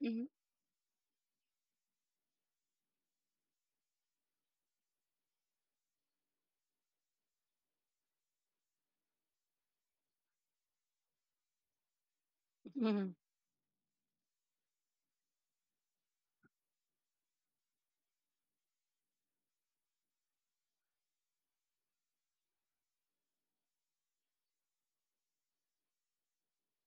Mhm, mhm.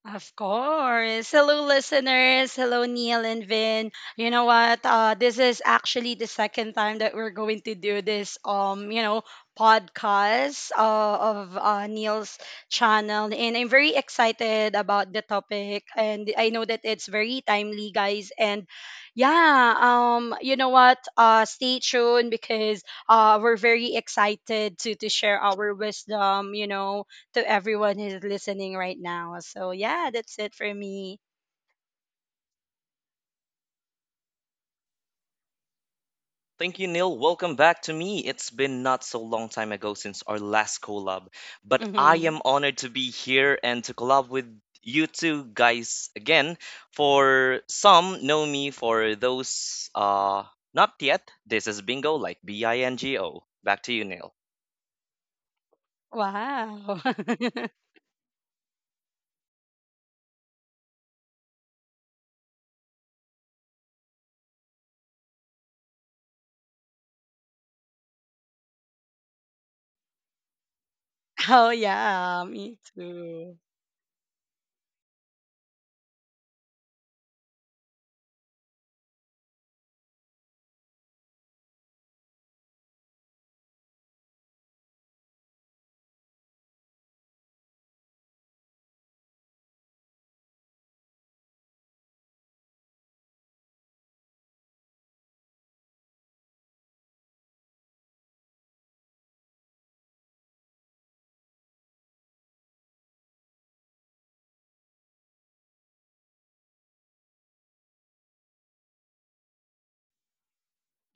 Of course. Hello, listeners. Hello, Neil and Vin. You know what? This is actually the second time that we're going to do this, podcast of Neil's channel. And I'm very excited about the topic. And I know that it's very timely, guys. And yeah, you know what? Stay tuned because we're very excited to share our wisdom, you know, to everyone who's listening right now. So, yeah, that's it for me. Thank you, Neil. Welcome back to me. It's been not so long time ago since our last collab, but I Hmm. am honored to be here and to collab with you two guys again. For some know me, for those not yet. This is Bingo, like Bingo. Back to you, Neil. Wow. Oh, yeah, me too.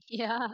Yeah.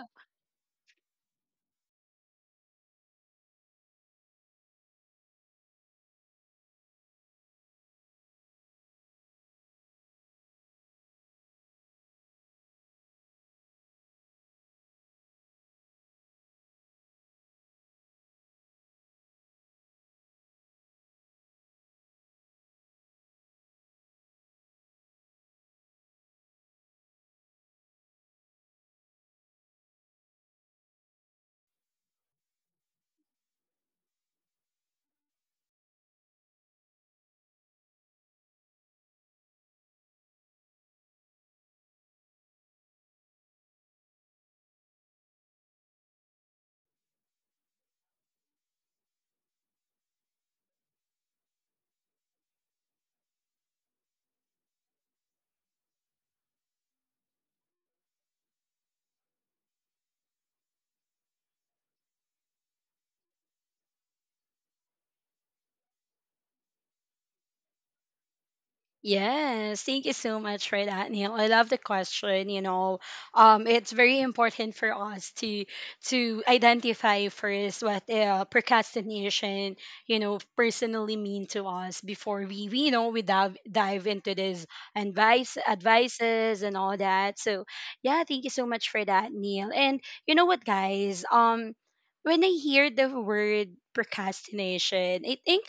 Yes, thank you so much for that, Neil. I love the question. It's very important for us to identify first what procrastination, personally mean to us before we we dive into this advice, advices, and all that. So, yeah, thank you so much for that, Neil. And you know what, guys? When I hear the word procrastination, I think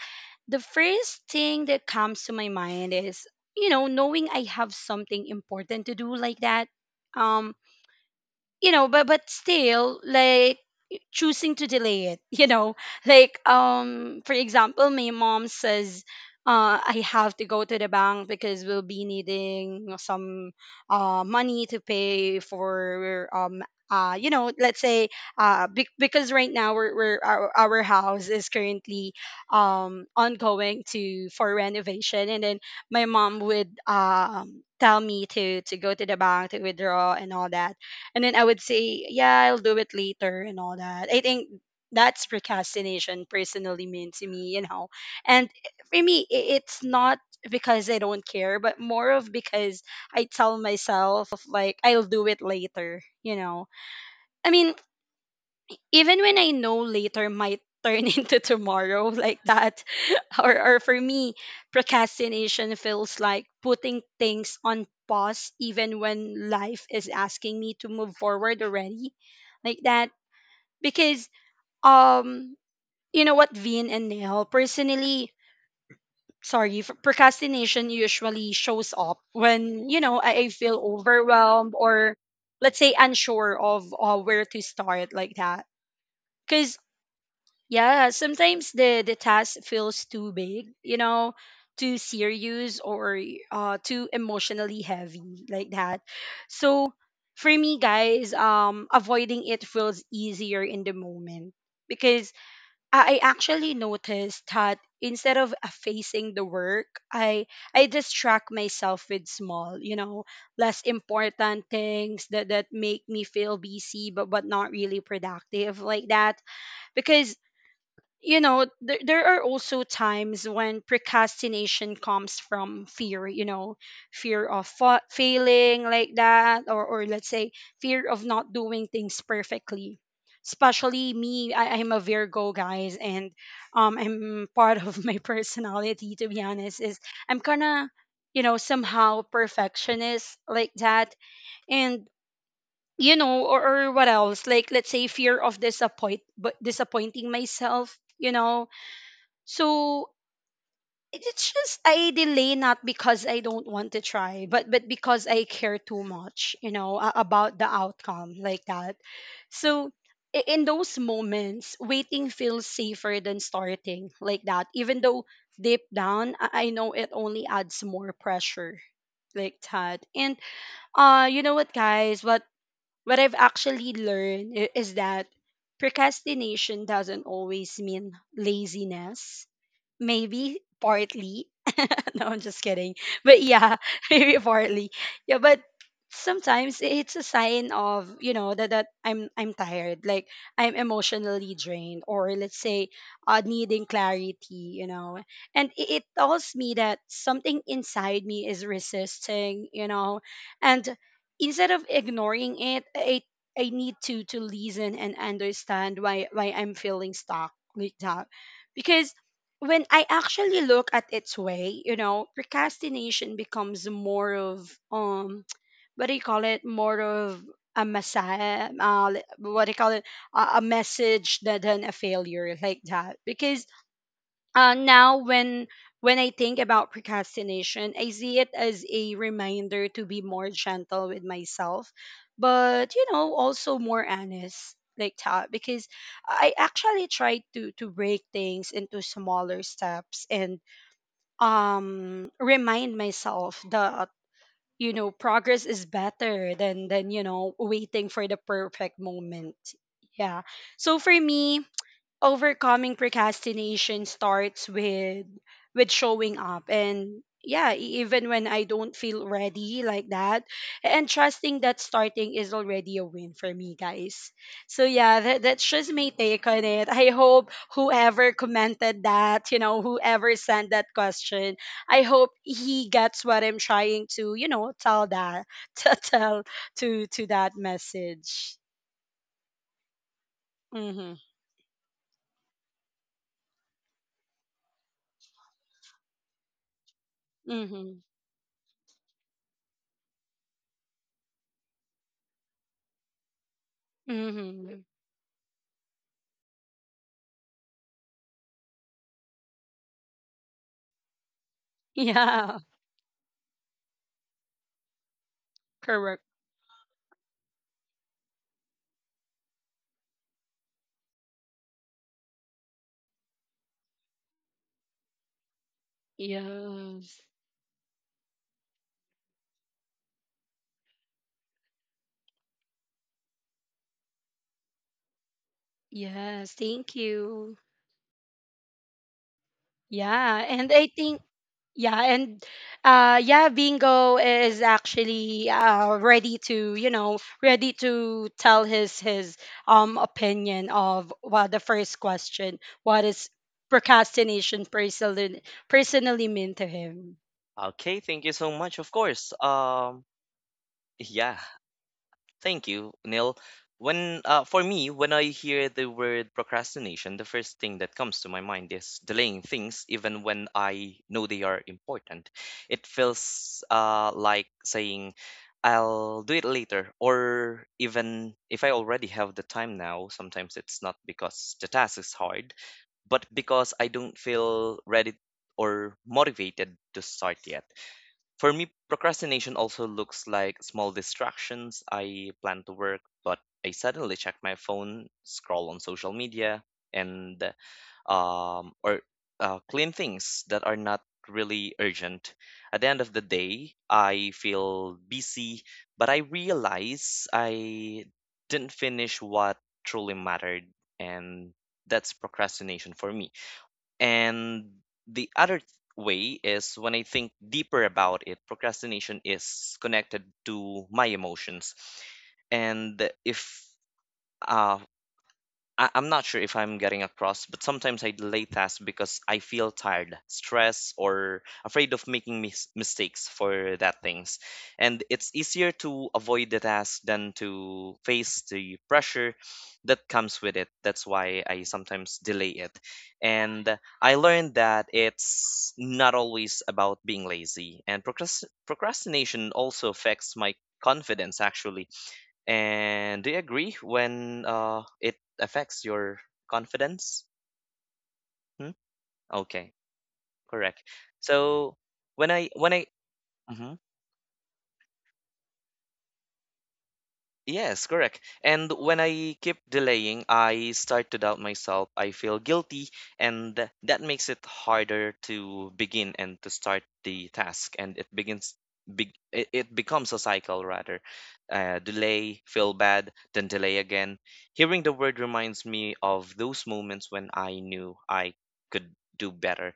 the first thing that comes to my mind is knowing I have something important to do, like that, um but still, like, choosing to delay it. Like, for example, my mom says I have to go to the bank because we'll be needing some money to pay for let's say, because right now, we're our house is currently ongoing to for renovation. And then my mom would tell me to go to the bank to withdraw and all that, and then I would say, yeah, I'll do it later and all that. I think that's procrastination personally mean to me. And for me, it's not because I don't care, but more of because I tell myself, like, I'll do it later. I mean, even when I know later might turn into tomorrow, like that. Or, for me, procrastination feels like putting things on pause even when life is asking me to move forward already, like that, because um you know what, Vin and Nail, personally, sorry, procrastination usually shows up when I feel overwhelmed, or let's say, unsure of where to start, like that. Because yeah, sometimes the task feels too big, you know, too serious, or too emotionally heavy, like that. So for me, guys, avoiding it feels easier in the moment, because I actually noticed that instead of facing the work, I distract myself with small, you know, less important things that make me feel busy, but not really productive, like that. Because there are also times when procrastination comes from fear, you know, fear of failing, like that, or let's say, fear of not doing things perfectly, especially me. I'm a Virgo, guys, and I'm part of my personality, to be honest, is I'm kind of, you know, somehow perfectionist, like that. And you know, or what else, like, let's say, fear of disappointing myself, you know. So it's just I delay, not because I don't want to try, but because I care too much, you know, about the outcome, like that. So in those moments, waiting feels safer than starting, like that, even though deep down, I know it only adds more pressure, like that. And you know what, guys, what I've actually learned is that procrastination doesn't always mean laziness. Maybe partly. No, I'm just kidding. But yeah. Maybe partly, yeah. But sometimes it's a sign, of you know, that I'm tired, like I'm emotionally drained, or let's say, needing clarity, you know. And it tells me that something inside me is resisting, you know. And instead of ignoring it, I need to listen and understand why I'm feeling stuck, like that. Because when I actually look at its way, you know, procrastination becomes more of, what do you call it? More of a messiah, what do you call it? A message than a failure, like that. Because now when I think about procrastination, I see it as a reminder to be more gentle with myself, but, you know, also more honest, like that, because I actually try to break things into smaller steps and remind myself that, you know, progress is better than waiting for the perfect moment. Yeah. So for me, overcoming procrastination starts with showing up, and, yeah, even when I don't feel ready, like that, and trusting that starting is already a win for me, guys. So yeah, that's just my take on it. I hope whoever commented that, you know, whoever sent that question, I hope he gets what I'm trying to, you know, tell that to tell to that message. Mm-hmm, mm-hmm, mm-hmm. Yeah. Correct. Yes. Yes. Thank you. Yeah. And I think, yeah. And yeah, Bingo is actually ready to, you know, ready to tell his opinion of, well, the first question. What is procrastination personally mean to him? Okay, thank you so much. Of course. Yeah. Thank you, Neil. When for me, when I hear the word procrastination, the first thing that comes to my mind is delaying things, even when I know they are important. It feels like saying, "I'll do it later," or even if I already have the time now. Sometimes it's not because the task is hard, but because I don't feel ready or motivated to start yet. For me, procrastination also looks like small distractions. I plan to work, but I suddenly check my phone, scroll on social media, and or clean things that are not really urgent. At the end of the day, I feel busy, but I realize I didn't finish what truly mattered, and that's procrastination for me. And the other way is, when I think deeper about it, procrastination is connected to my emotions. And if uh, I, I'm not sure if I'm getting across, but sometimes I delay tasks because I feel tired, stressed, or afraid of making mistakes for that things. And it's easier to avoid the task than to face the pressure that comes with it. That's why I sometimes delay it. And I learned that it's not always about being lazy, and procrastination also affects my confidence actually, and do you agree when it affects your confidence? Hmm? Okay, correct. So when I Mhm. Yes, correct. And when I keep delaying, I start to doubt myself. I feel guilty, and that makes it harder to begin and to start the task. And it begins, be, it becomes a cycle rather. Delay, feel bad, then delay again. Hearing the word reminds me of those moments when I knew I could do better.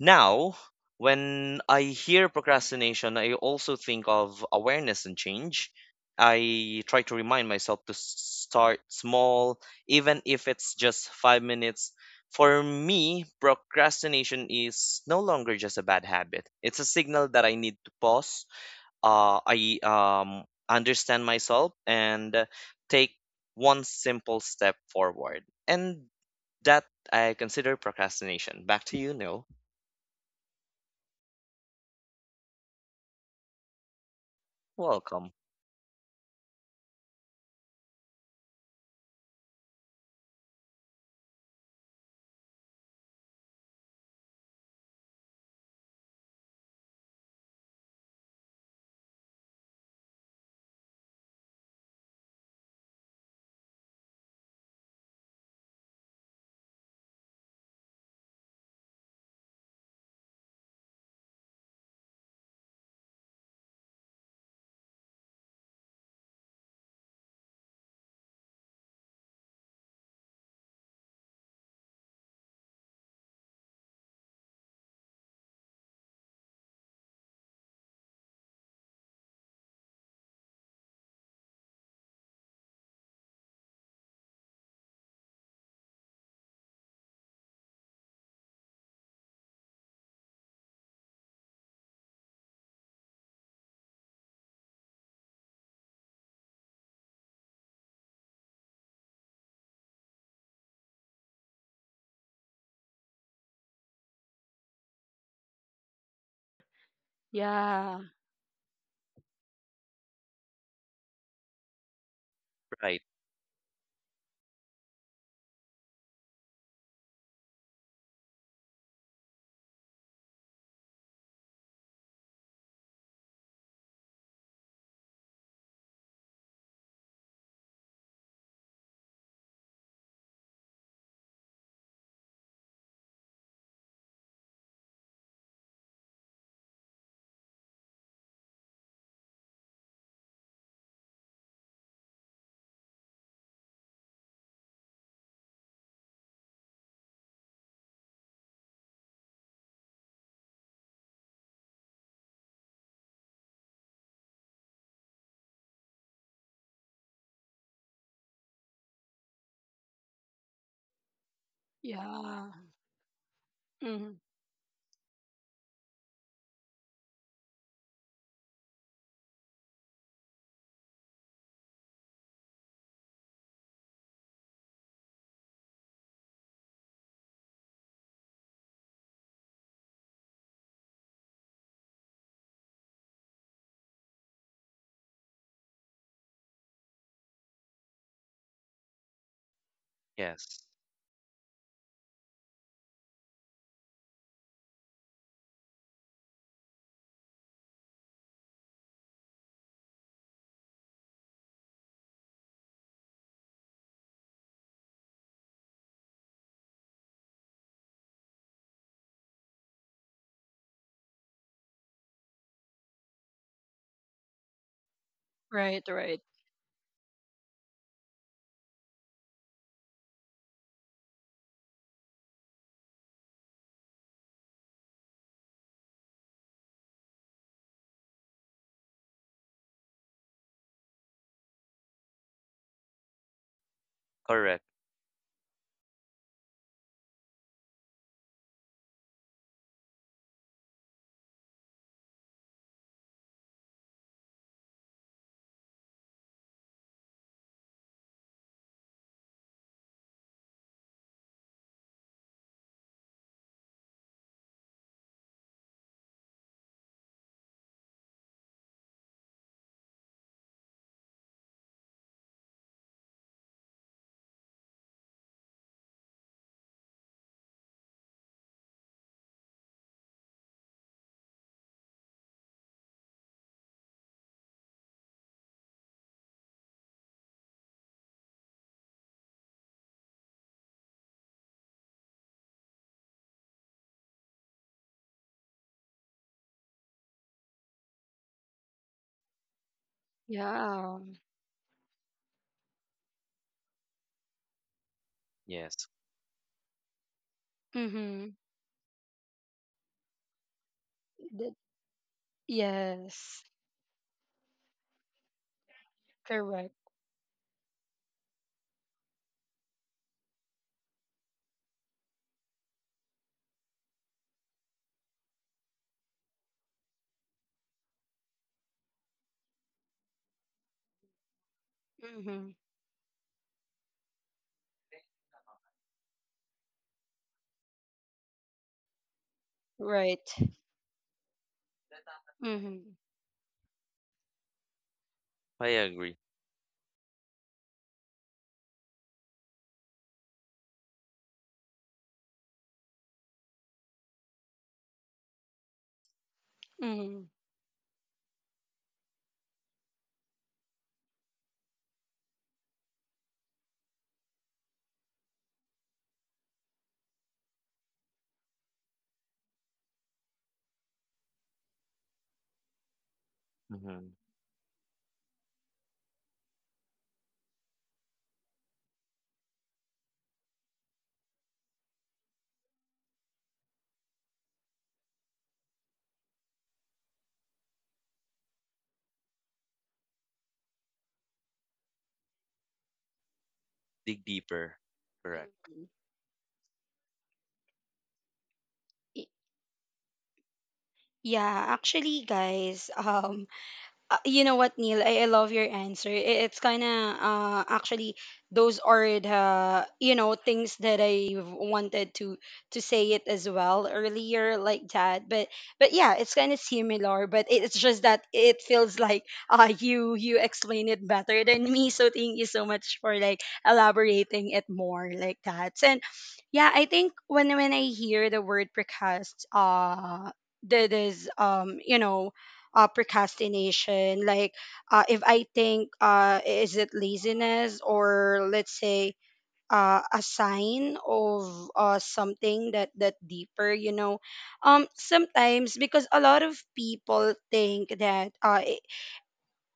Now, when I hear procrastination, I also think of awareness and change. I try to remind myself to start small, even if it's just 5 minutes. For me, procrastination is no longer just a bad habit. It's a signal that I need to pause. I understand myself and take one simple step forward. And that I consider procrastination. Back to you, Neil. Welcome. Yeah. Right. Yeah. Hmm. Yes. Right. Right. Correct. Yeah. Yes. Mm-hmm. Yes. Correct. Mm-hmm. Right. Mm-hmm. I agree. Mm-hmm. Mm-hmm. Dig deeper. Correct. Y- Yeah, actually, guys, you know what, Neil? I love your answer. It's kind of, actually, those are the, you know, things that I wanted to say it as well earlier, like that. But yeah, it's kind of similar. But it's just that it feels like you explain it better than me. So thank you so much for, like, elaborating it more, like that. And yeah, I think when I hear the word precast, that is, procrastination. Like, if I think, is it laziness, or let's say, a sign of something that deeper, you know. Sometimes, because a lot of people think that,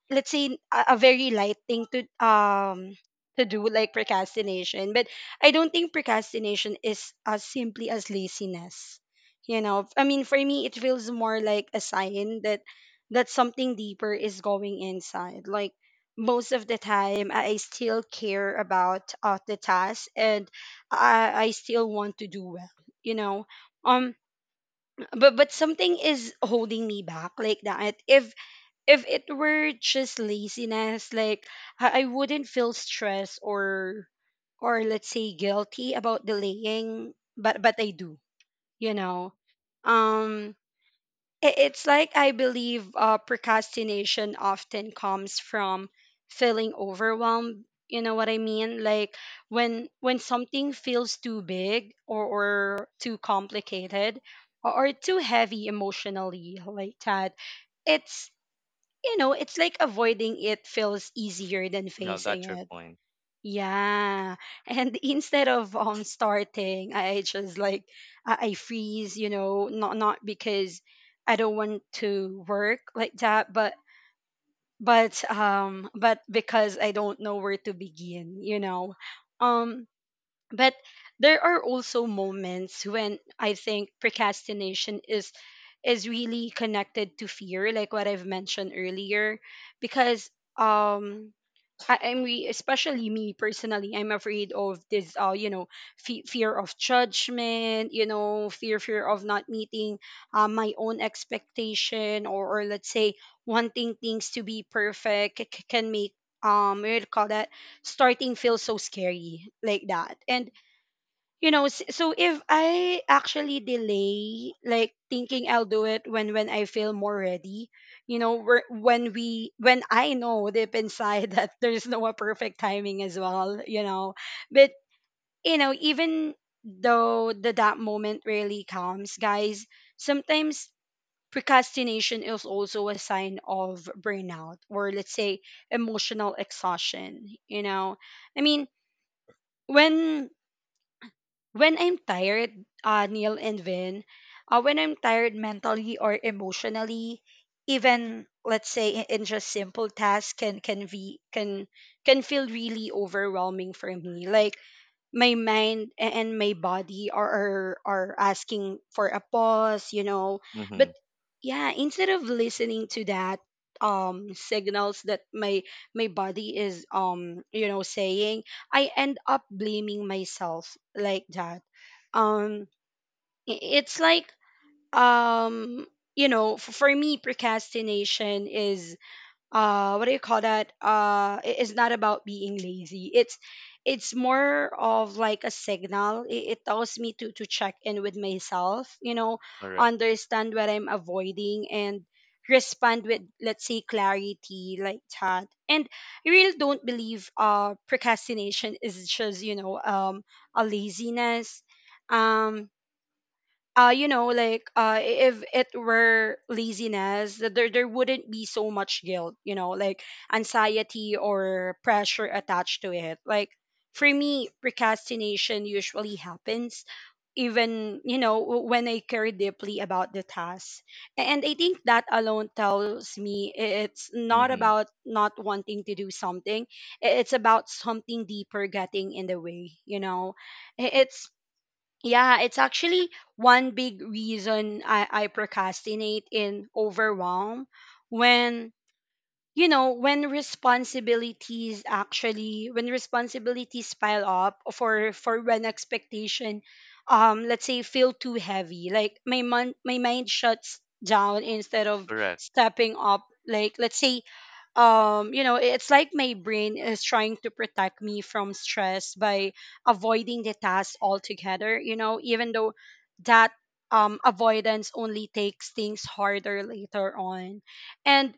let's say, a very light thing to do, like procrastination, but I don't think procrastination is as simply as laziness, you know. I mean, for me it feels more like a sign that something deeper is going inside. Like most of the time, I still care about the task, and I still want to do well, you know. um but something is holding me back, like that. If it were just laziness, like I wouldn't feel stress, or let's say, guilty about delaying, but I do, you know. Um it's like I believe procrastination often comes from feeling overwhelmed, you know what I mean? Like when something feels too big, or too complicated, or too heavy emotionally, like that. It's you know, it's like avoiding it feels easier than Yeah, I facing got your it. point. Yeah. And instead of starting, I just, like, I freeze, you know, not because I don't want to work, like that, but because I don't know where to begin, you know. Um but there are also moments when I think procrastination is really connected to fear, like what I've mentioned earlier, because um especially me personally, I'm afraid of this, fear of judgment, you know, fear of not meeting my own expectation, or let's say, wanting things to be perfect can make, what do you call that, starting feel so scary, like that. And you know, so if I actually delay, like, thinking I'll do it when I feel more ready, you know, when I know deep inside that there's no a perfect timing as well, you know. But you know, even though the that moment really comes, guys. Sometimes procrastination is also a sign of burnout, or let's say, emotional exhaustion, you know. I mean, when I'm tired, Neil and Vin, when I'm tired mentally or emotionally, even let's say in just simple tasks can be can feel really overwhelming for me. Like my mind and my body are asking for a pause, you know. Mm-hmm. But yeah, instead of listening to that, signals that my body is, you know, saying, I end up blaming myself like that. um it's like, um you know, for me, procrastination is, what do you call that, it's not about being lazy. It's more of like a signal. It tells me to check in with myself, you know, Correct. understand what I'm avoiding and respond with, let's say, clarity like that. And I really don't believe procrastination is just, you know, a laziness. um you know, like, if it were laziness, there wouldn't be so much guilt, you know, like anxiety or pressure attached to it. Like, for me, procrastination usually happens even, you know, when I care deeply about the task, and I think that alone tells me, it's not Mm-hmm. about not wanting to do something. It's about something deeper getting in the way, you know. I- it's yeah, it's actually one big reason I procrastinate in overwhelm. When you know when responsibilities actually When responsibilities pile up, for when expectation, let's say, feel too heavy, like my mind shuts down instead of Correct. stepping up. Like, let's say, you know, it's like my brain is trying to protect me from stress by avoiding the task altogether, you know, even though that avoidance only takes things harder later on. And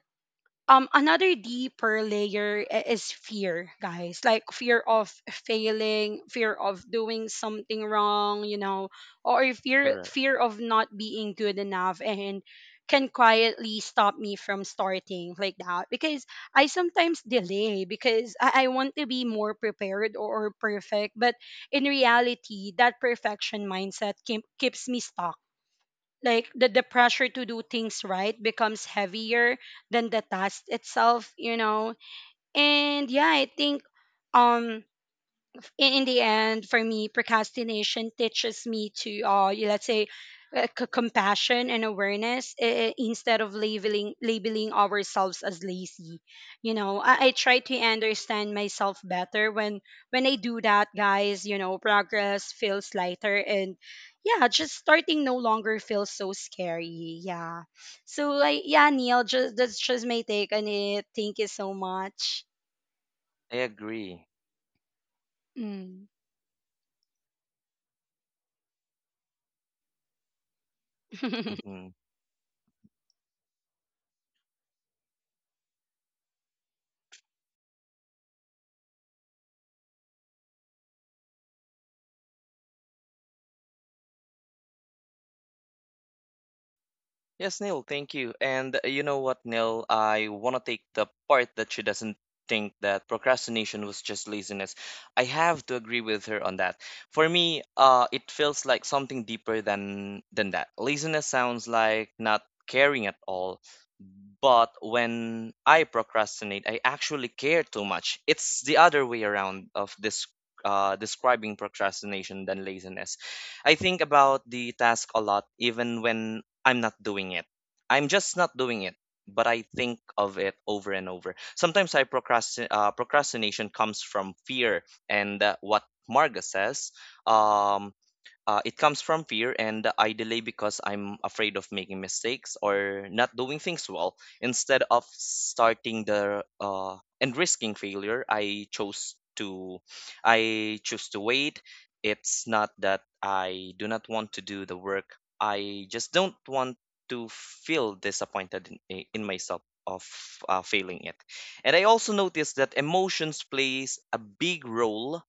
another deeper layer is fear, guys, like fear of failing, fear of doing something wrong, you know, or fear Correct. fear of not being good enough, and can quietly stop me from starting like that, because I sometimes delay because I want to be more prepared, or perfect. But in reality, that perfection mindset keeps me stuck. Like the pressure to do things right becomes heavier than the task itself, you know. And yeah, I think, um in the end, for me, procrastination teaches me to, let's say, compassion and awareness, instead of labeling ourselves as lazy. You know, I try to understand myself better when I do that, guys. You know, progress feels lighter, and yeah, just starting no longer feels so scary. Yeah. So like, yeah, Neil, just, that's just my take on it. Thank you so much. I agree. Mm. Mm-hmm. Yes, Neil, thank you. And you know what, Neil? I want to take the part that she doesn't think that procrastination was just laziness. I have to agree with her on that. For me, it feels like something deeper than that. Laziness sounds like not caring at all, but when I procrastinate, I actually care too much. It's the other way around of this describing procrastination than laziness. I think about the task a lot, even when I'm not doing it. I'm just not doing it, but I think of it over and over. Sometimes I procrastinate. Procrastination comes from fear, and what Marga says, um, it comes from fear, and I delay because I'm afraid of making mistakes or not doing things well. Instead of starting the and risking failure, I choose to wait. It's not that I do not want to do the work. I just don't want to feel disappointed in myself of failing it. And I also noticed that emotions plays a big role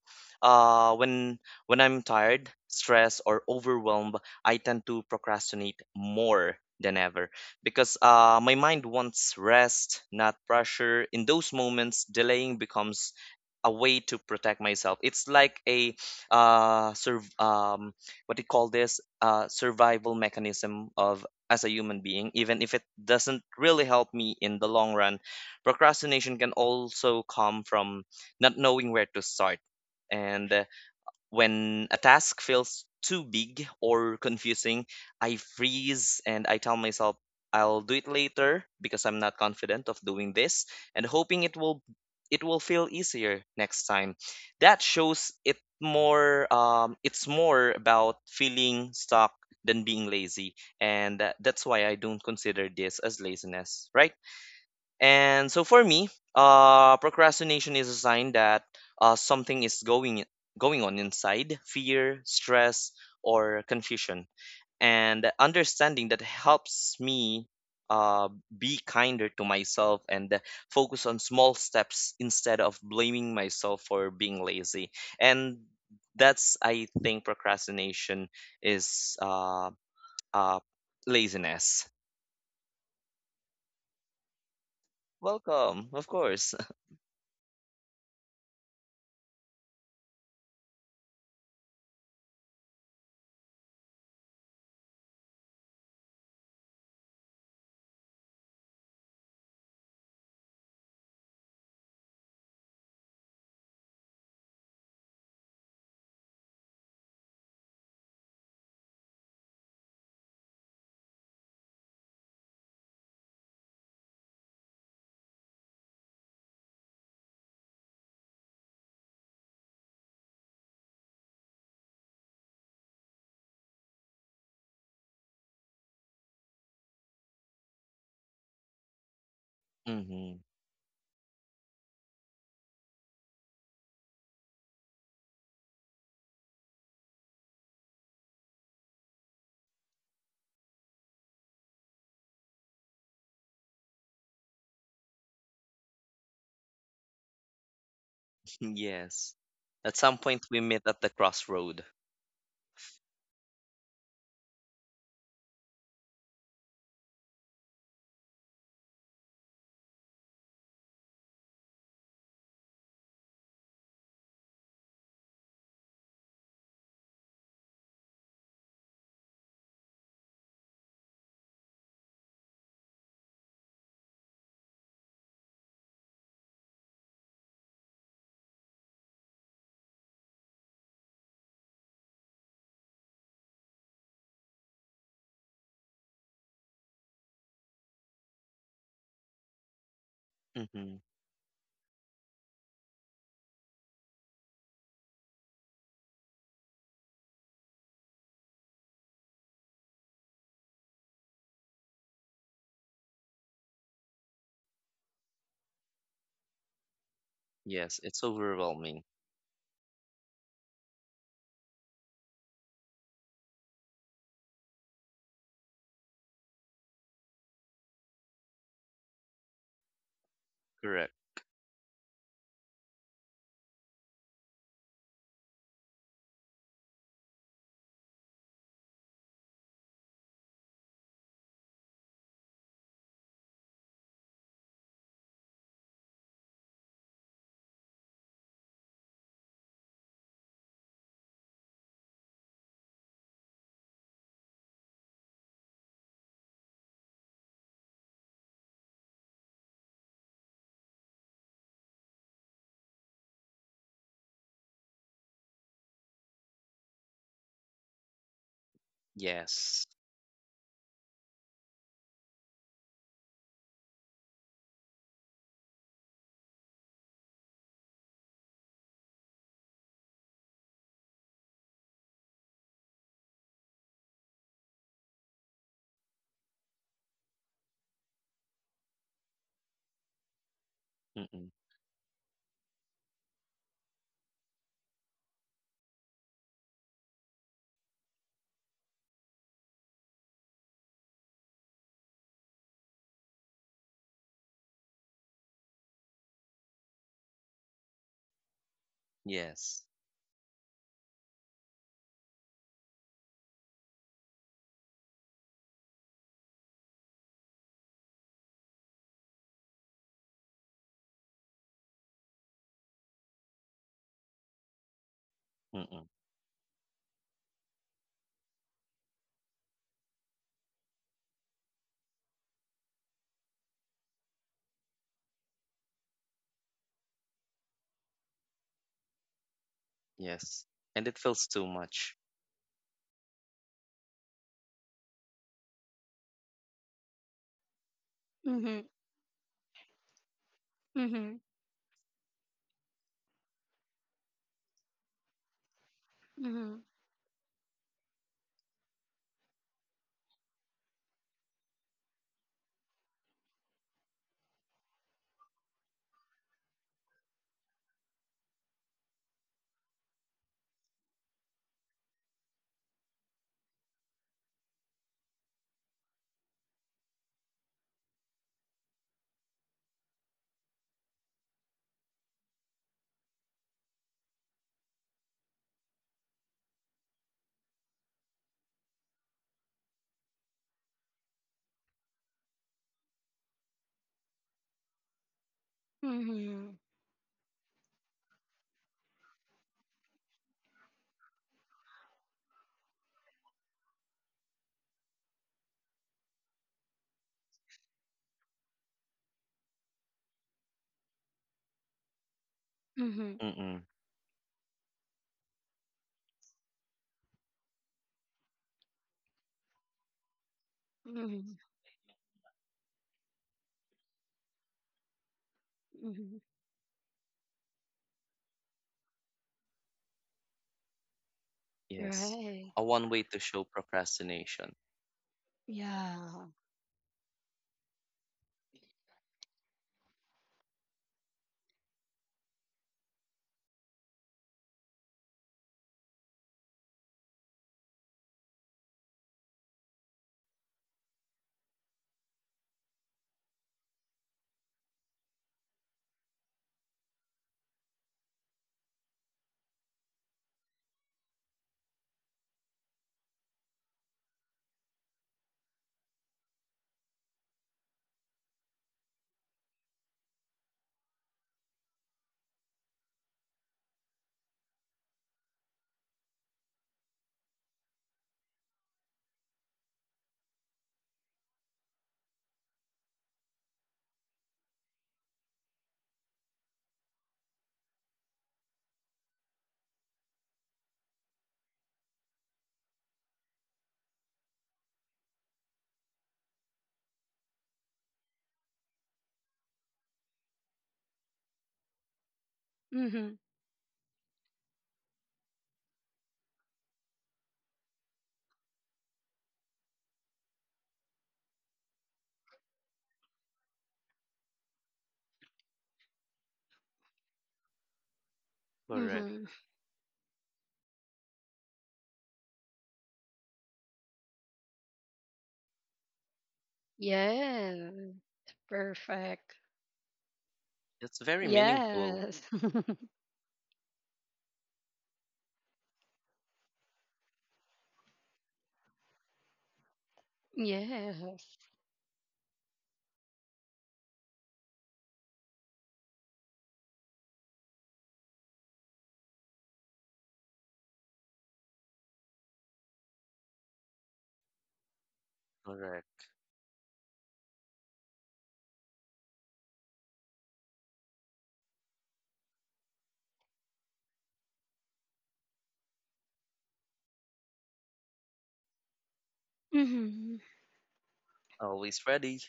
uh, when when I'm tired, stressed, or overwhelmed. I tend to procrastinate more than ever because my mind wants rest, not pressure. In those moments, delaying becomes a way to protect myself. It's like a uh, serv- um, what do you call this? Survival mechanism of, as a human being, even if it doesn't really help me in the long run. Procrastination can also come from not knowing where to start, and when a task feels too big or confusing, I freeze and I tell myself I'll do it later because I'm not confident of doing this and hoping it will feel easier next time. That shows it's more about feeling stuck than being lazy, and that's why I don't consider this as laziness, right? And so for me, procrastination is a sign that something is going on inside: fear, stress, or confusion. And understanding that helps me be kinder to myself and focus on small steps instead of blaming myself for being lazy. And that's, I think, procrastination is uh, laziness. Welcome, of course. Hmm. Yes. At some point, we meet at the crossroad. Hmm. Yes, it's overwhelming. Correct. Yes. Mm-mm. Yes. Mm-mm. Yes. And it feels too much. Hmm, hmm. Mhm. Mhm. Mhm. Mm-mm. Mhm. Mhm. Yes. Right. A one way to show procrastination. Yeah. Mhm. Correct. Mhm. Yeah. Perfect. It's very meaningful. Yes. Yes. Correct. Hmm. Always ready.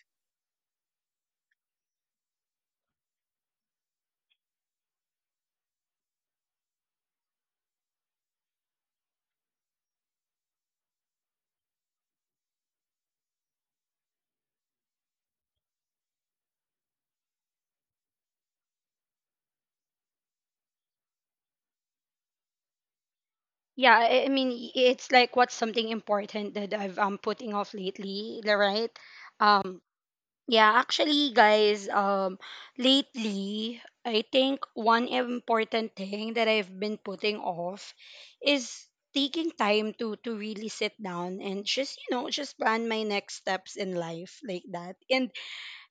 Yeah, I mean, it's like, what's something important that I've, putting off lately, the, right? Um, Yeah, actually, guys, lately, I think one important thing that I've been putting off is taking time to really sit down and just, you know, just plan my next steps in life like that. And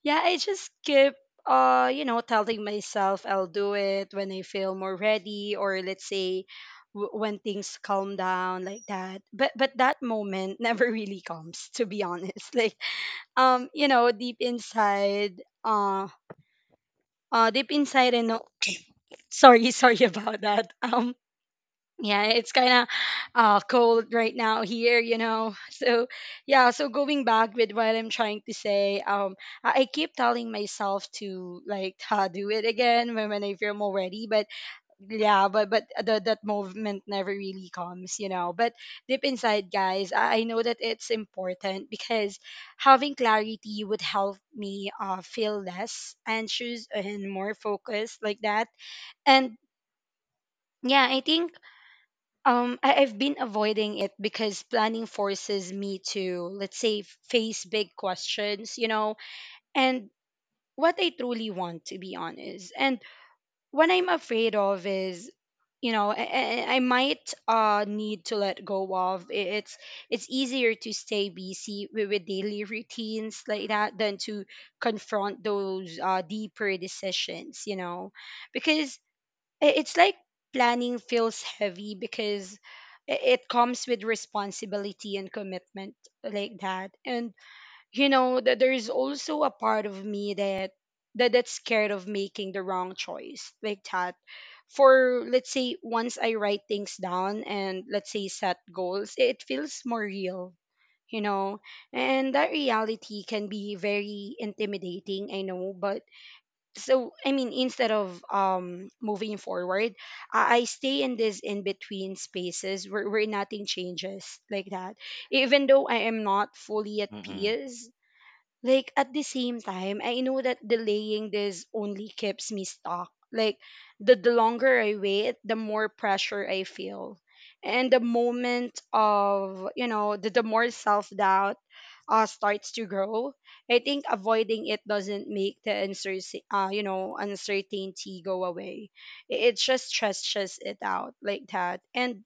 yeah, I just keep, you know, telling myself I'll do it when I feel more ready, or let's say, when things calm down like that. But that moment never really comes, to be honest. Like, you know, deep inside I know. Sorry. Sorry about that. Yeah, it's kind of, cold right now here, you know. So yeah, so going back with what I'm trying to say, I keep telling myself to, like, do it again when I feel more ready. But yeah, that movement never really comes, you know. But deep inside, guys, I know that it's important because having clarity would help me, feel less anxious and more focused like that. And yeah, I think, I've been avoiding it because planning forces me to, let's say, face big questions, you know, and what I truly want, to be honest, and what I'm afraid of is, you know, I might, need to let go of. It's easier to stay busy with daily routines like that than to confront those deeper decisions, you know, because it's like planning feels heavy because it comes with responsibility and commitment like that. And you know that there is also a part of me that's scared of making the wrong choice like that, for, let's say, once I write things down and, let's say, set goals, it feels more real, you know, and that reality can be very intimidating, I know. But so, I mean, instead of moving forward, I stay in this in between spaces where nothing changes like that, even though I am not fully at Mm-mm. peace. Like, at the same time, I know that delaying this only keeps me stuck. Like the longer I wait, the more pressure I feel, and the moment of, you know, the more self-doubt, starts to grow. I think avoiding it doesn't make the uncertainty you know uncertainty, go away. It just stretches it out like that. And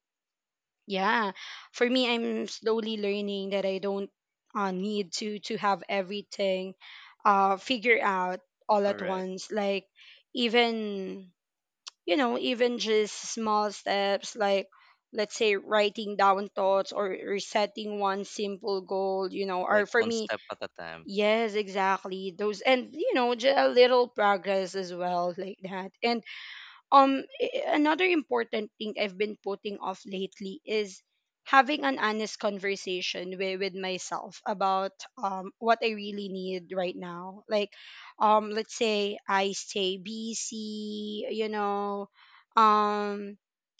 yeah, for me, I'm slowly learning that I don't, need to have everything, figure out all at Correct. once. Like, even, you know, even just small steps, like, let's say, writing down thoughts, or setting one simple goal, you know. Or Like for one me, step at a time. yes, exactly those, and you know, just a little progress as well like that. And another important thing I've been putting off lately is having an honest conversation with myself about what I really need right now. Like, let's say, um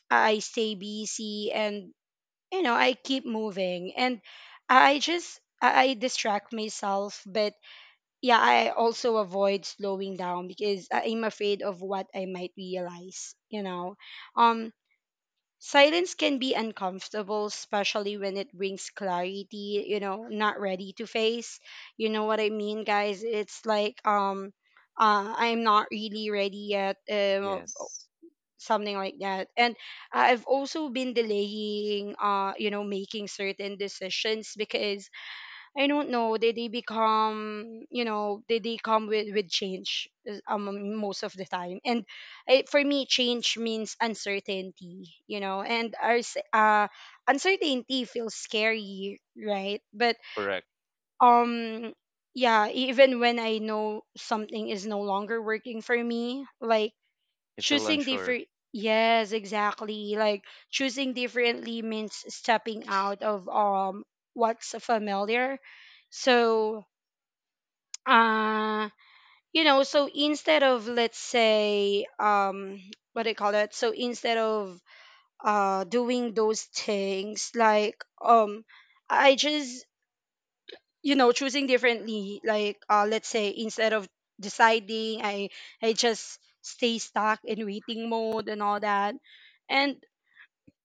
I stay busy, and you know, I keep moving, and I just, I distract myself. But yeah, I also avoid slowing down because I'm afraid of what I might realize, you know. Um Silence can be uncomfortable, especially when it brings clarity, you know, not ready to face. You know what I mean, guys? It's like, I'm not really ready yet, Yes. something like that. And I've also been delaying, you know, making certain decisions because I don't know. They become, you know, they come with change, most of the time. And I, for me, change means uncertainty. You know, and uncertainty feels scary, right? But, Correct. um yeah, even when I know something is no longer working for me, like, You feel choosing unsure. different yes, exactly, like choosing differently means stepping out of what's familiar. So, uh you know, so instead of, let's say, what do you call that, so instead of, doing those things, like, I just, you know, choosing differently, like, let's say, instead of deciding, I just stay stuck in waiting mode, and all that. And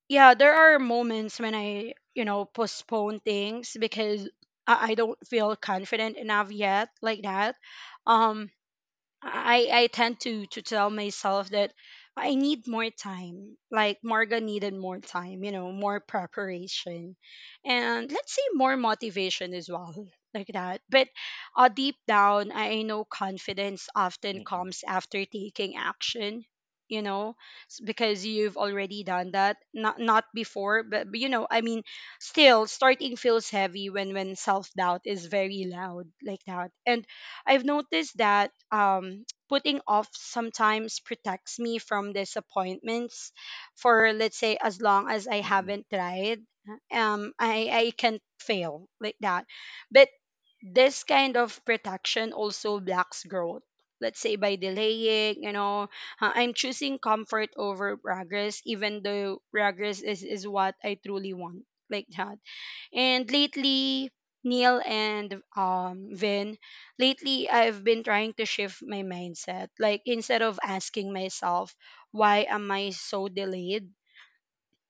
yeah, there are moments when I, you know, postpone things because I don't feel confident enough yet like that. um I tend to tell myself that I need more time. Like Morgan needed more time, you know, more preparation, and let's say more motivation as well, like that. But, deep down, I know confidence often Mm-mm. comes after taking action. You know, because you've already done that, not before, but, you know, I mean, still, starting feels heavy when self doubt is very loud like that. And I've noticed that, putting off sometimes protects me from disappointments for, let's say, as long as I Mm-mm. haven't tried. I can fail like that. But this kind of protection also blocks growth. Let's say, by delaying, you know, I'm choosing comfort over progress, even though progress is what I truly want. Like that. And lately, Neil and, Vin, lately, I've been trying to shift my mindset. Like, instead of asking myself, why am I so delayed?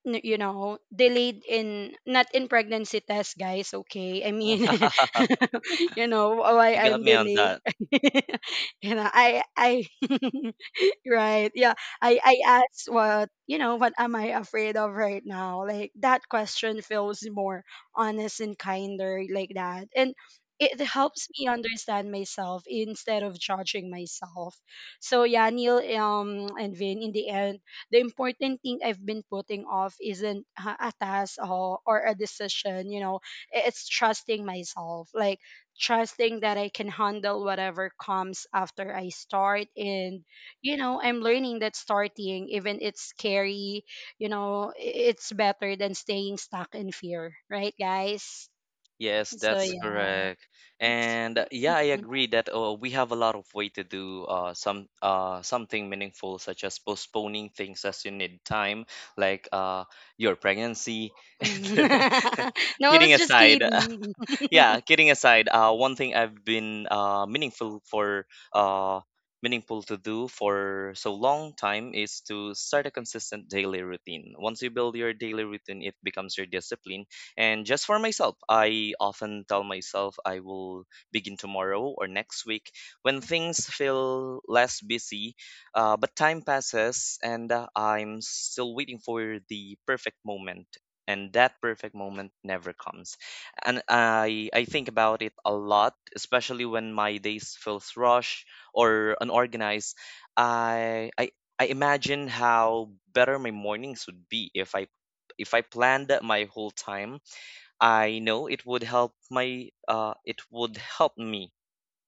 You know, delayed in, not in pregnancy test, guys, okay? I mean, you know, why You got I'm me on delayed. that. You know, I right, yeah. I asked, what, you know, what am I afraid of right now? Like, that question feels more honest and kinder like that, and it helps me understand myself instead of judging myself. So yeah, Neil, and Vin, in the end, the important thing I've been putting off isn't a task, or a decision, you know, it's trusting myself, like trusting that I can handle whatever comes after I start. And, you know, I'm learning that starting, even it's scary, you know, it's better than staying stuck in fear, right, guys? Yes, So, that's yeah. correct. It's, And yeah, I agree that we have a lot of way to do something meaningful, such as postponing things as you need time, like your pregnancy. no, I Kidding was just aside, kidding. yeah, kidding aside, one thing I've been uh, meaningful to do for so long time is to start a consistent daily routine. Once you build your daily routine, it becomes your discipline. And just for myself, I often tell myself I will begin tomorrow or next week when things feel less busy. But time passes, and I'm still waiting for the perfect moment. And that perfect moment never comes, and I think about it a lot, especially when my days feels rushed or unorganized. I I I imagine how better my mornings would be if I planned my whole time. I know it would help me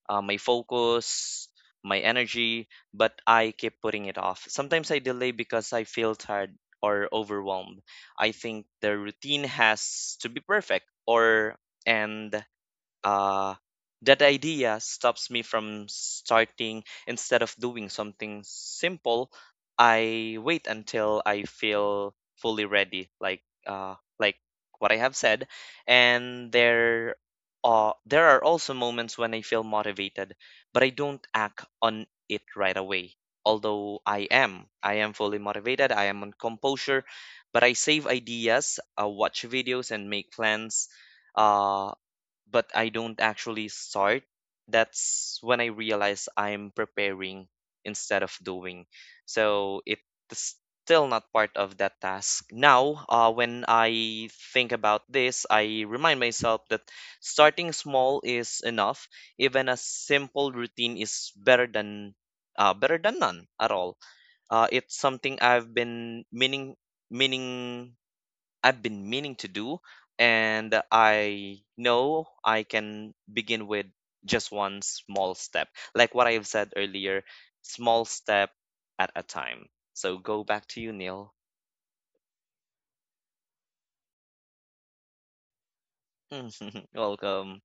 my focus, my energy, but I keep putting it off. Sometimes I delay because I feel tired or overwhelmed. I think the routine has to be perfect, or and uh, that idea stops me from starting. Instead of doing something simple, I wait until I feel fully ready, like what I have said. And there are also moments when I feel motivated, but I don't act on it right away. Although I am fully motivated, I am on composure, but I save ideas, watch videos, and make plans. Uh, but I don't actually start. That's when I realize I'm preparing instead of doing. So it's still not part of that task. Now, when I think about this, I remind myself that starting small is enough. Even a simple routine is better than none at all. It's something I've been meaning meaning to do, and I know I can begin with just one small step. Like what I've said earlier, small step at a time. So go back to you, Neil. Welcome.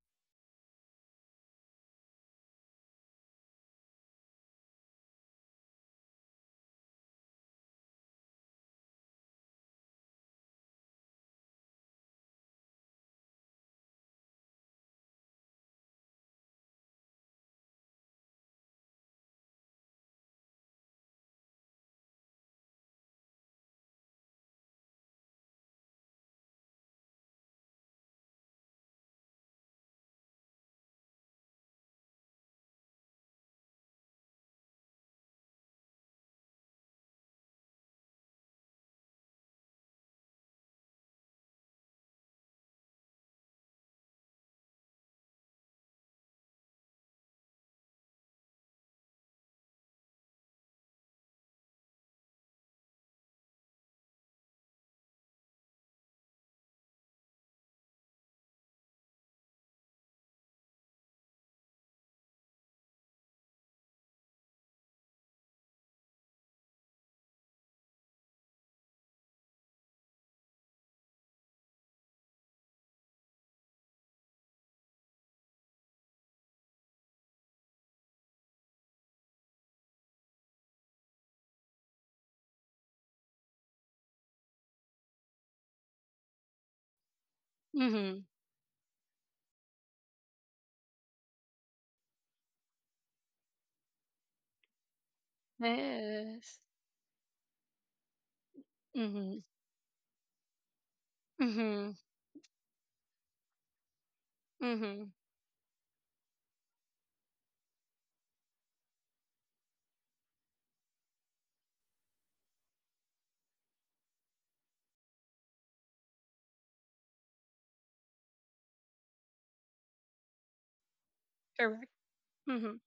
Mm-hmm. Yes. Mm-hmm. Mm-hmm. Mhm. Correct. Mhm.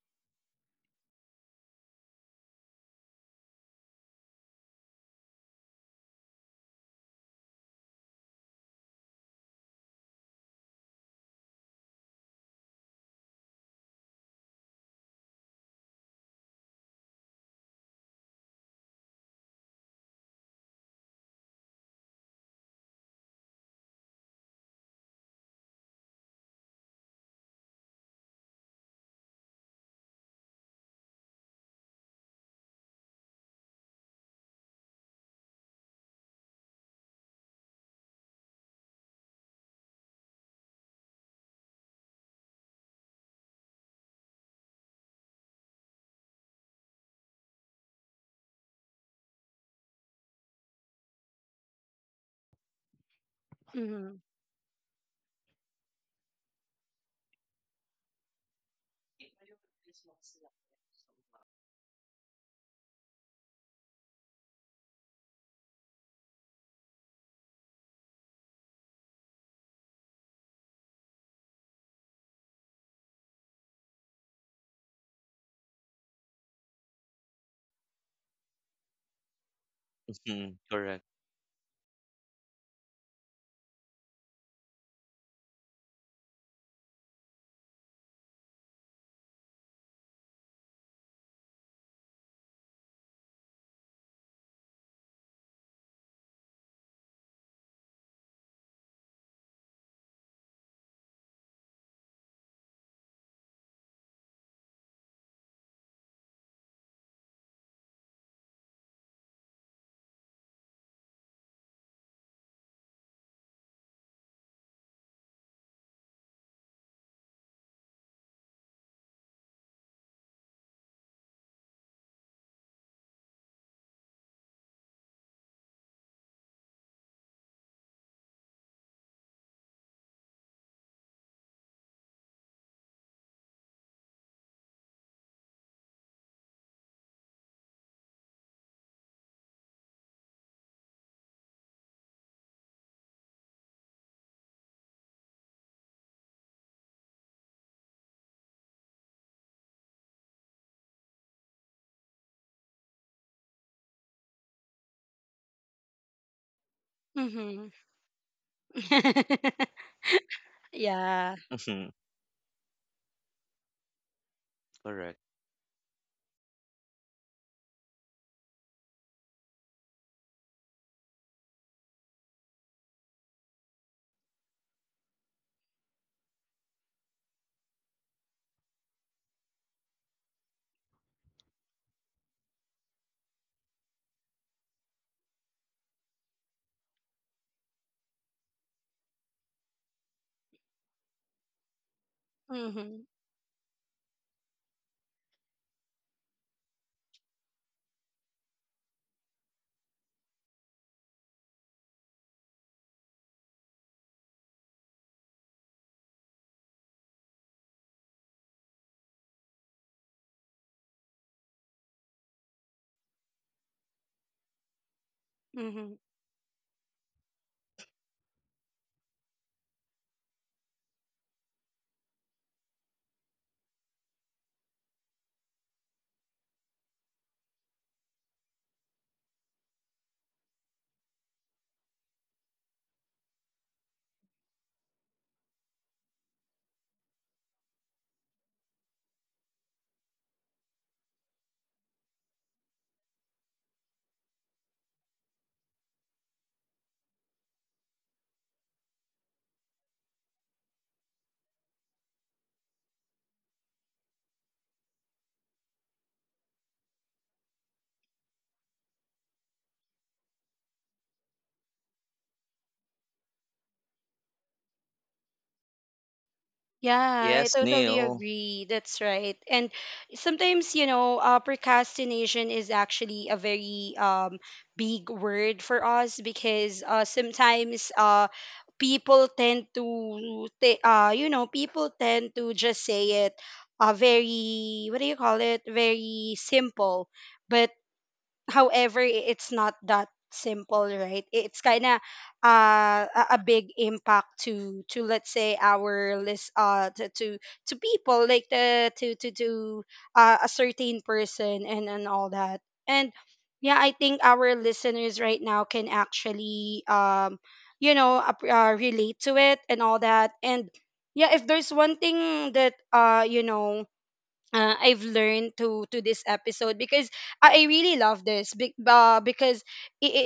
Mhm. Correct. Mhm. Yeah. Correct. Mhm. Mhm. Yeah, I Yes, totally Neil. agree. That's right. And sometimes, you know, procrastination is actually a very, big word for us, because, sometimes, people tend to ta- you know, people tend to just say it, very, what do you call it? Very simple. But however, it's not that simple, right? It's kind of a big impact to let's say our list, to people, like the to a certain person, and all that. And yeah, I think our listeners right now can actually relate to it and all that. And yeah, if there's one thing that I've learned to this episode, because I really love this because I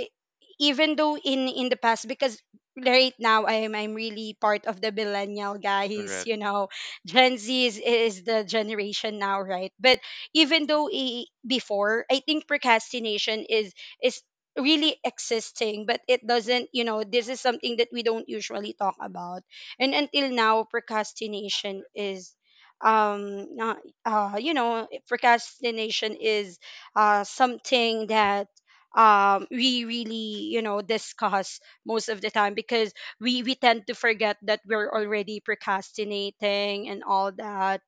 even though in the past, because right now I'm really part of the millennial, guys. Correct. You know, Gen Z is the generation now, right? But even though, I before, I think procrastination is really existing, but it doesn't, you know, this is something that we don't usually talk about. And until now, procrastination is um uh, procrastination is something that, we really, you know, discuss most of the time, because we tend to forget that we're already procrastinating and all that,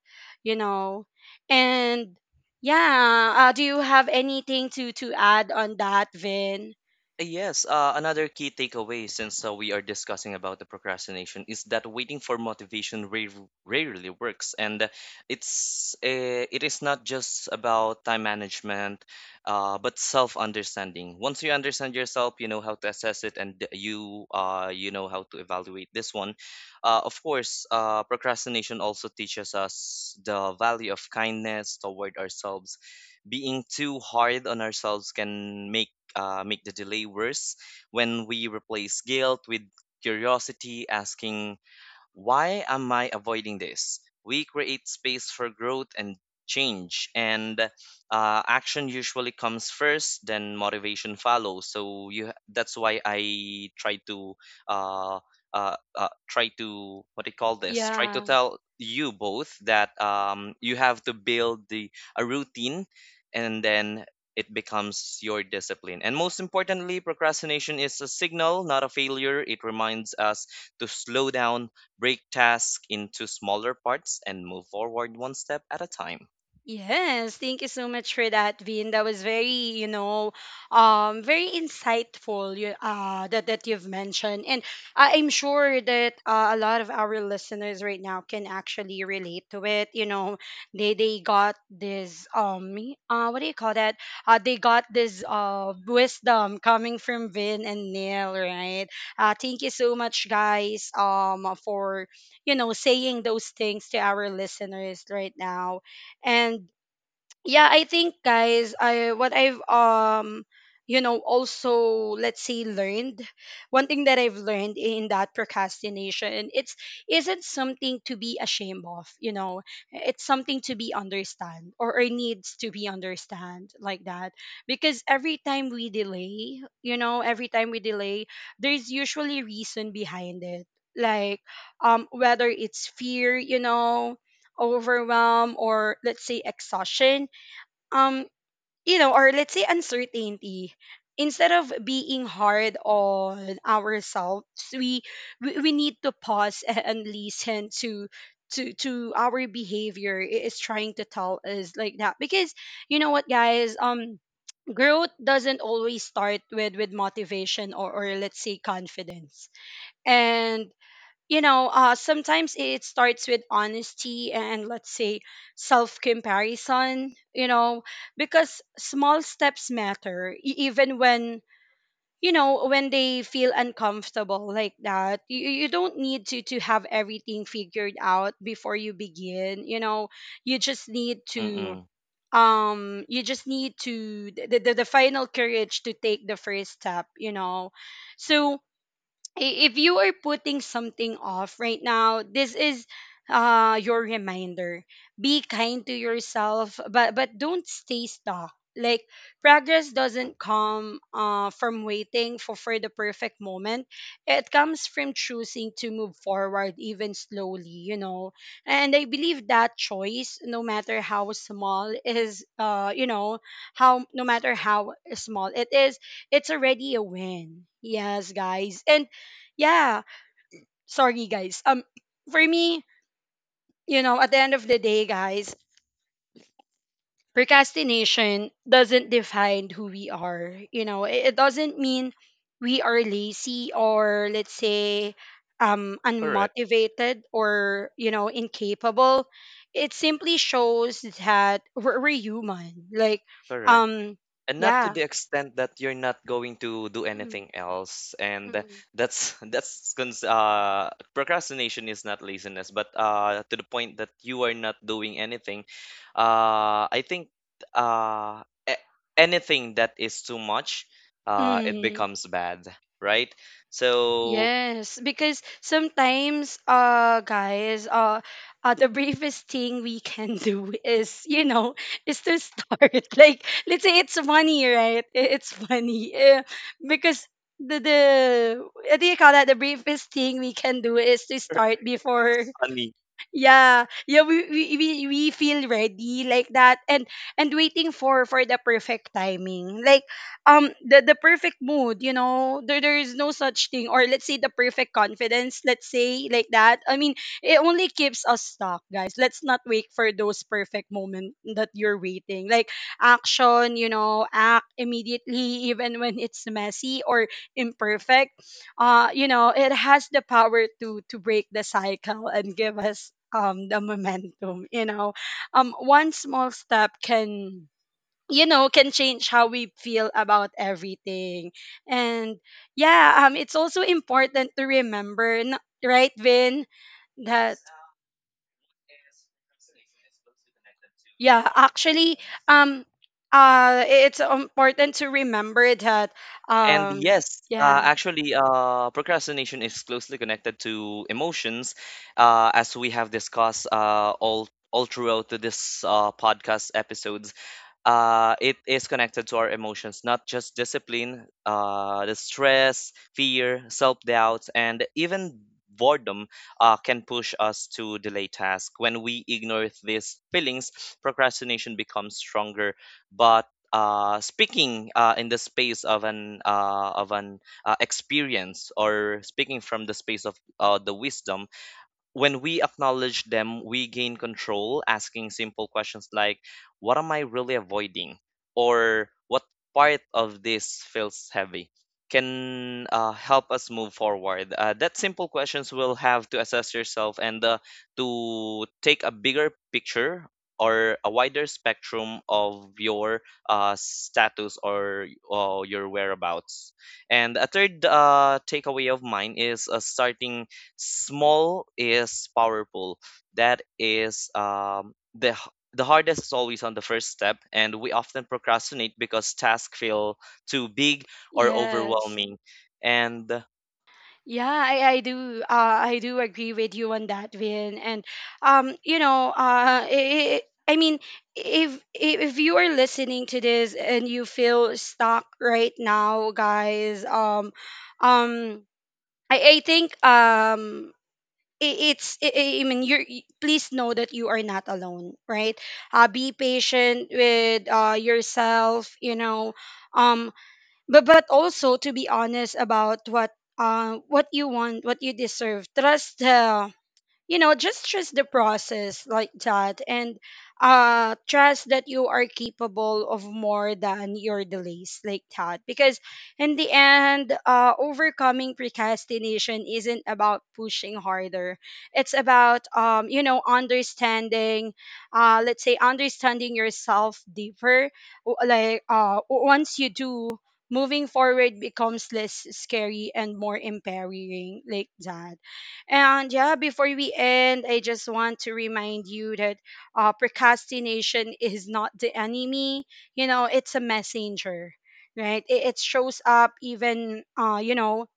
you know. And yeah, do you have anything to add on that, Vin? Yes, another key takeaway, since we are discussing about the procrastination, is that waiting for motivation rarely works, and it is not just about time management, but self-understanding. Once you understand yourself, you know how to assess it, and you know how to evaluate this one. Of course, procrastination also teaches us the value of kindness toward ourselves. Being too hard on ourselves can make the delay worse. When we replace guilt with curiosity, asking why am I avoiding this, we create space for growth and change, and action usually comes first, then motivation follows. So you that's why I uh, try to what do you call this? Try to Yeah. tell you both that you have to build the a routine, and then it becomes your discipline. And most importantly, procrastination is a signal, not a failure. It reminds us to slow down, break tasks into smaller parts, and move forward one step at a time. Yes, thank you so much for that, Vin. That was very, you know, very insightful. That you've mentioned, and I'm sure that, a lot of our listeners right now can actually relate to it. You know, they got this, what do you call that? They got this wisdom coming from Vin and Neil, right? Thank you so much, guys. For saying those things to our listeners right now. And yeah, I think, guys, I what I've, also, let's say, learned, one thing that I've learned in that procrastination, it's isn't something to be ashamed of, you know. It's something to be understand, or needs to be understand, like that, because every time we delay, you know, every time we delay, there's usually reason behind it, like, whether it's fear, you know, overwhelm, or let's say exhaustion, um or let's say uncertainty. Instead of being hard on ourselves, we we need to pause and listen to our behavior. Is trying to tell us, like that, because you know what, guys, growth doesn't always start with motivation, or let's say confidence. And you know, sometimes it starts with honesty, and let's say self comparison, you know, because small steps matter, even when, you know, when they feel uncomfortable, like that. You don't need to have everything figured out before you begin, you know. you just need to Mm-mm. You just need to, the final courage to take the first step, you know. So, if you are putting something off right now, this is your reminder. Be kind to yourself, but don't stay stuck. Like, progress doesn't come from waiting for the perfect moment. It comes from choosing to move forward, even slowly, you know. And I believe that choice, no matter how small is, you know, how no matter how small it is, it's already a win. Yes, guys. And yeah. Sorry, guys. For me, you know, at the end of the day, guys, procrastination doesn't define who we are. You know, it doesn't mean we are lazy, or let's say Correct, unmotivated, or, you know, incapable. It simply shows that we're human. Like, correct. um, And not to yeah. the extent that you're not going to do Mm, anything else. And mm, that's procrastination is not laziness, but to the point that you are not doing anything. I think uh, a- anything that is too much, it mm. becomes bad, right? So Yes, because sometimes, guys, the briefest thing we can do is, you know, is to start. Like, let's say, it's funny, right? It's funny. Because, the what do you call that? The briefest thing we can do is to start before, funny. yeah, we feel ready, like that. And waiting for the perfect timing, like, the perfect mood, you know. There is no such thing, or let's say, the perfect confidence, let's say, like that. I mean, it only keeps us stuck, guys. Let's not wait for those perfect moment that you're waiting. Like, action, you know, act immediately even when it's messy or imperfect, you know, it has the power to break the cycle and give us the momentum. You know, one small step can, you know, can change how we feel about everything. And yeah, it's also important to remember, right, Vin, that yeah, actually, um, it's important to remember that, And um, yes, yeah, actually, procrastination is closely connected to emotions, as we have discussed all throughout this podcast episodes, it is connected to our emotions, not just discipline. The stress, fear, self doubts, and even boredom can push us to delay tasks. When we ignore these feelings, procrastination becomes stronger. But speaking in the space of an experience, or speaking from the space of the wisdom, when we acknowledge them, we gain control, asking simple questions like, "What am I really avoiding?" Or, "What part of this feels heavy?" Can help us move forward. That simple questions will have to assess yourself and to take a bigger picture or a wider spectrum of your status or your whereabouts. And a third takeaway of mine is starting small is powerful. That is the the hardest is always on the first step, and we often procrastinate because tasks feel too big or yes. overwhelming. And Yeah, I do. I do agree with you on that, Vin. And, you know, I mean, if you are listening to this and you feel stuck right now, guys, um, I think. I mean, please know that you are not alone, right? Be patient with, yourself, you know. um, but also, to be honest about what, what you want, what you deserve. Trust the, you know, just trust the process, like that. And trust that you are capable of more than your delays, like that, because in the end, overcoming procrastination isn't about pushing harder, it's about, you know, understanding, let's say, understanding yourself deeper. Like, once you do, moving forward becomes less scary and more empowering, like that. And yeah, before we end, I just want to remind you that, procrastination is not the enemy. You know, it's a messenger, right? It shows up, even, you know,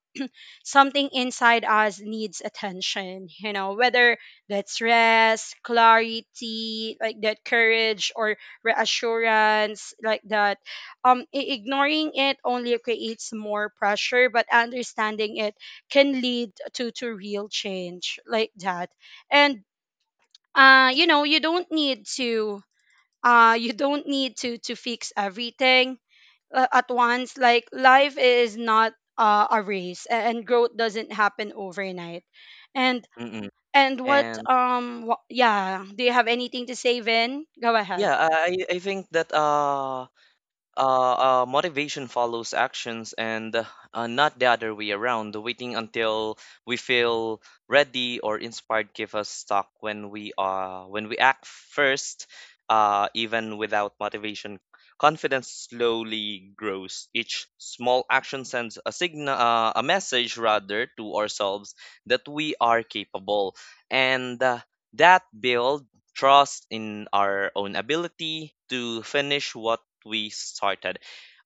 something inside us needs attention, you know, whether that's rest, clarity, like that, courage, or reassurance, like that. Ignoring it only creates more pressure, but understanding it can lead to real change, like that. And, you know, you don't need to fix everything, at once. Like, life is not, a race, and growth doesn't happen overnight. and mm-mm. and And yeah, do you have anything to say, Vin? Go ahead. yeah, I think that motivation follows actions, and not the other way around. Waiting until we feel ready or inspired give us stuck. When we act first, even without motivation, confidence slowly grows. Each small action sends a signal, a message rather, to ourselves that we are capable, and that builds trust in our own ability to finish what we started.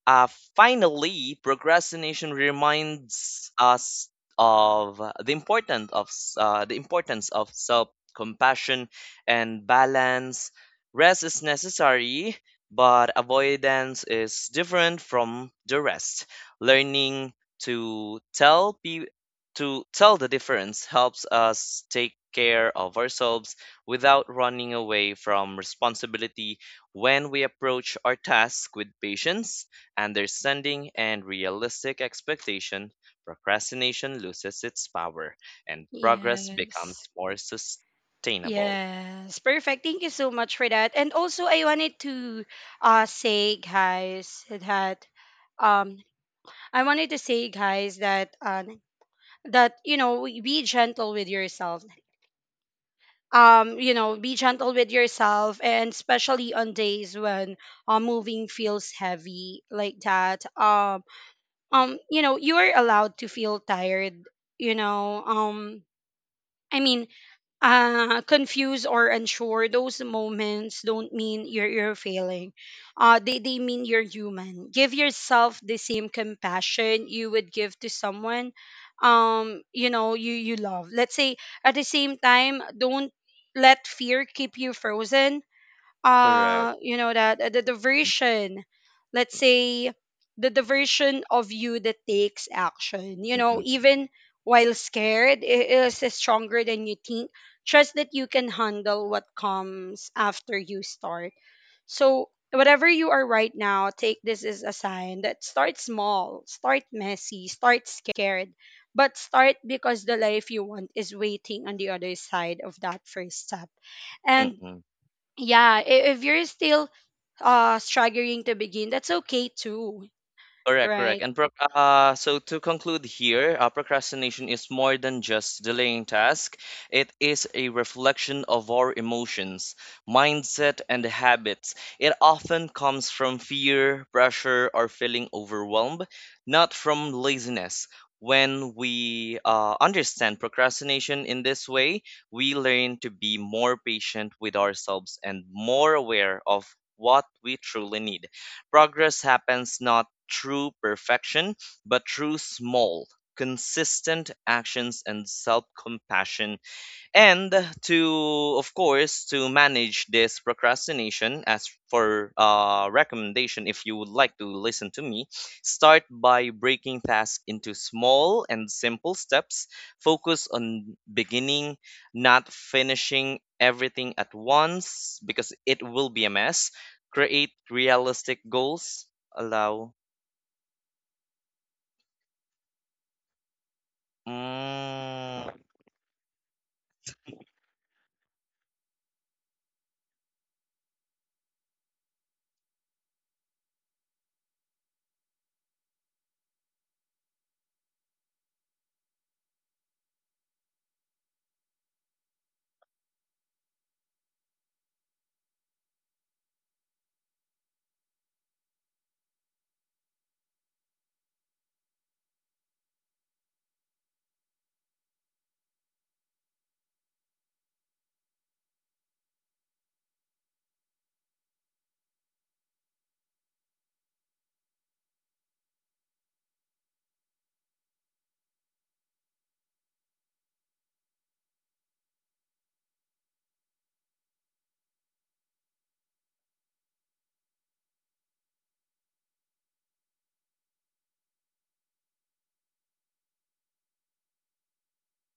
Uh, Finally, procrastination reminds us of the importance of self-compassion and balance. Rest is necessary, but avoidance is different from the rest. Learning to tell pe- to tell the difference helps us take care of ourselves without running away from responsibility. When we approach our task with patience, understanding, and realistic expectation, procrastination loses its power and progress Yes. becomes more sustainable. Yes, perfect. Thank you so much for that. And also, uh, say, guys, that um, I wanted to say, guys, that, that, you know, be gentle with yourself. You know, be gentle with yourself, and especially on days when, moving feels heavy, like that. You know, you are allowed to feel tired, you know. I mean, confused or unsure, those moments don't mean you're failing. They mean you're human. Give yourself the same compassion you would give to someone, you know, you love. Let's say, at the same time, don't let fear keep you frozen, Correct. You know that, the version, let's say, the version of you that takes action, you know, Mm-mm, even while scared, is stronger than you think. Trust that you can handle what comes after you start. So whatever you are right now, take this as a sign that, start small, start messy, start scared, but start, because the life you want is waiting on the other side of that first step. And mm-mm. yeah, if you're still, struggling to begin, that's okay too, Correct, correct. right? And proc so to conclude here, procrastination is more than just delaying task. It is a reflection of our emotions, mindset, and habits. It often comes from fear, pressure, or feeling overwhelmed, not from laziness. When we understand procrastination in this way, we learn to be more patient with ourselves and more aware of what we truly need. Progress happens not through perfection, but through small, consistent actions and self compassion. And, to of course, to manage this procrastination, as for recommendation, if you would like to listen to me: start by breaking tasks into small and simple steps, focus on beginning, not finishing everything at once, because it will be a mess. Create realistic goals, allow. Mm,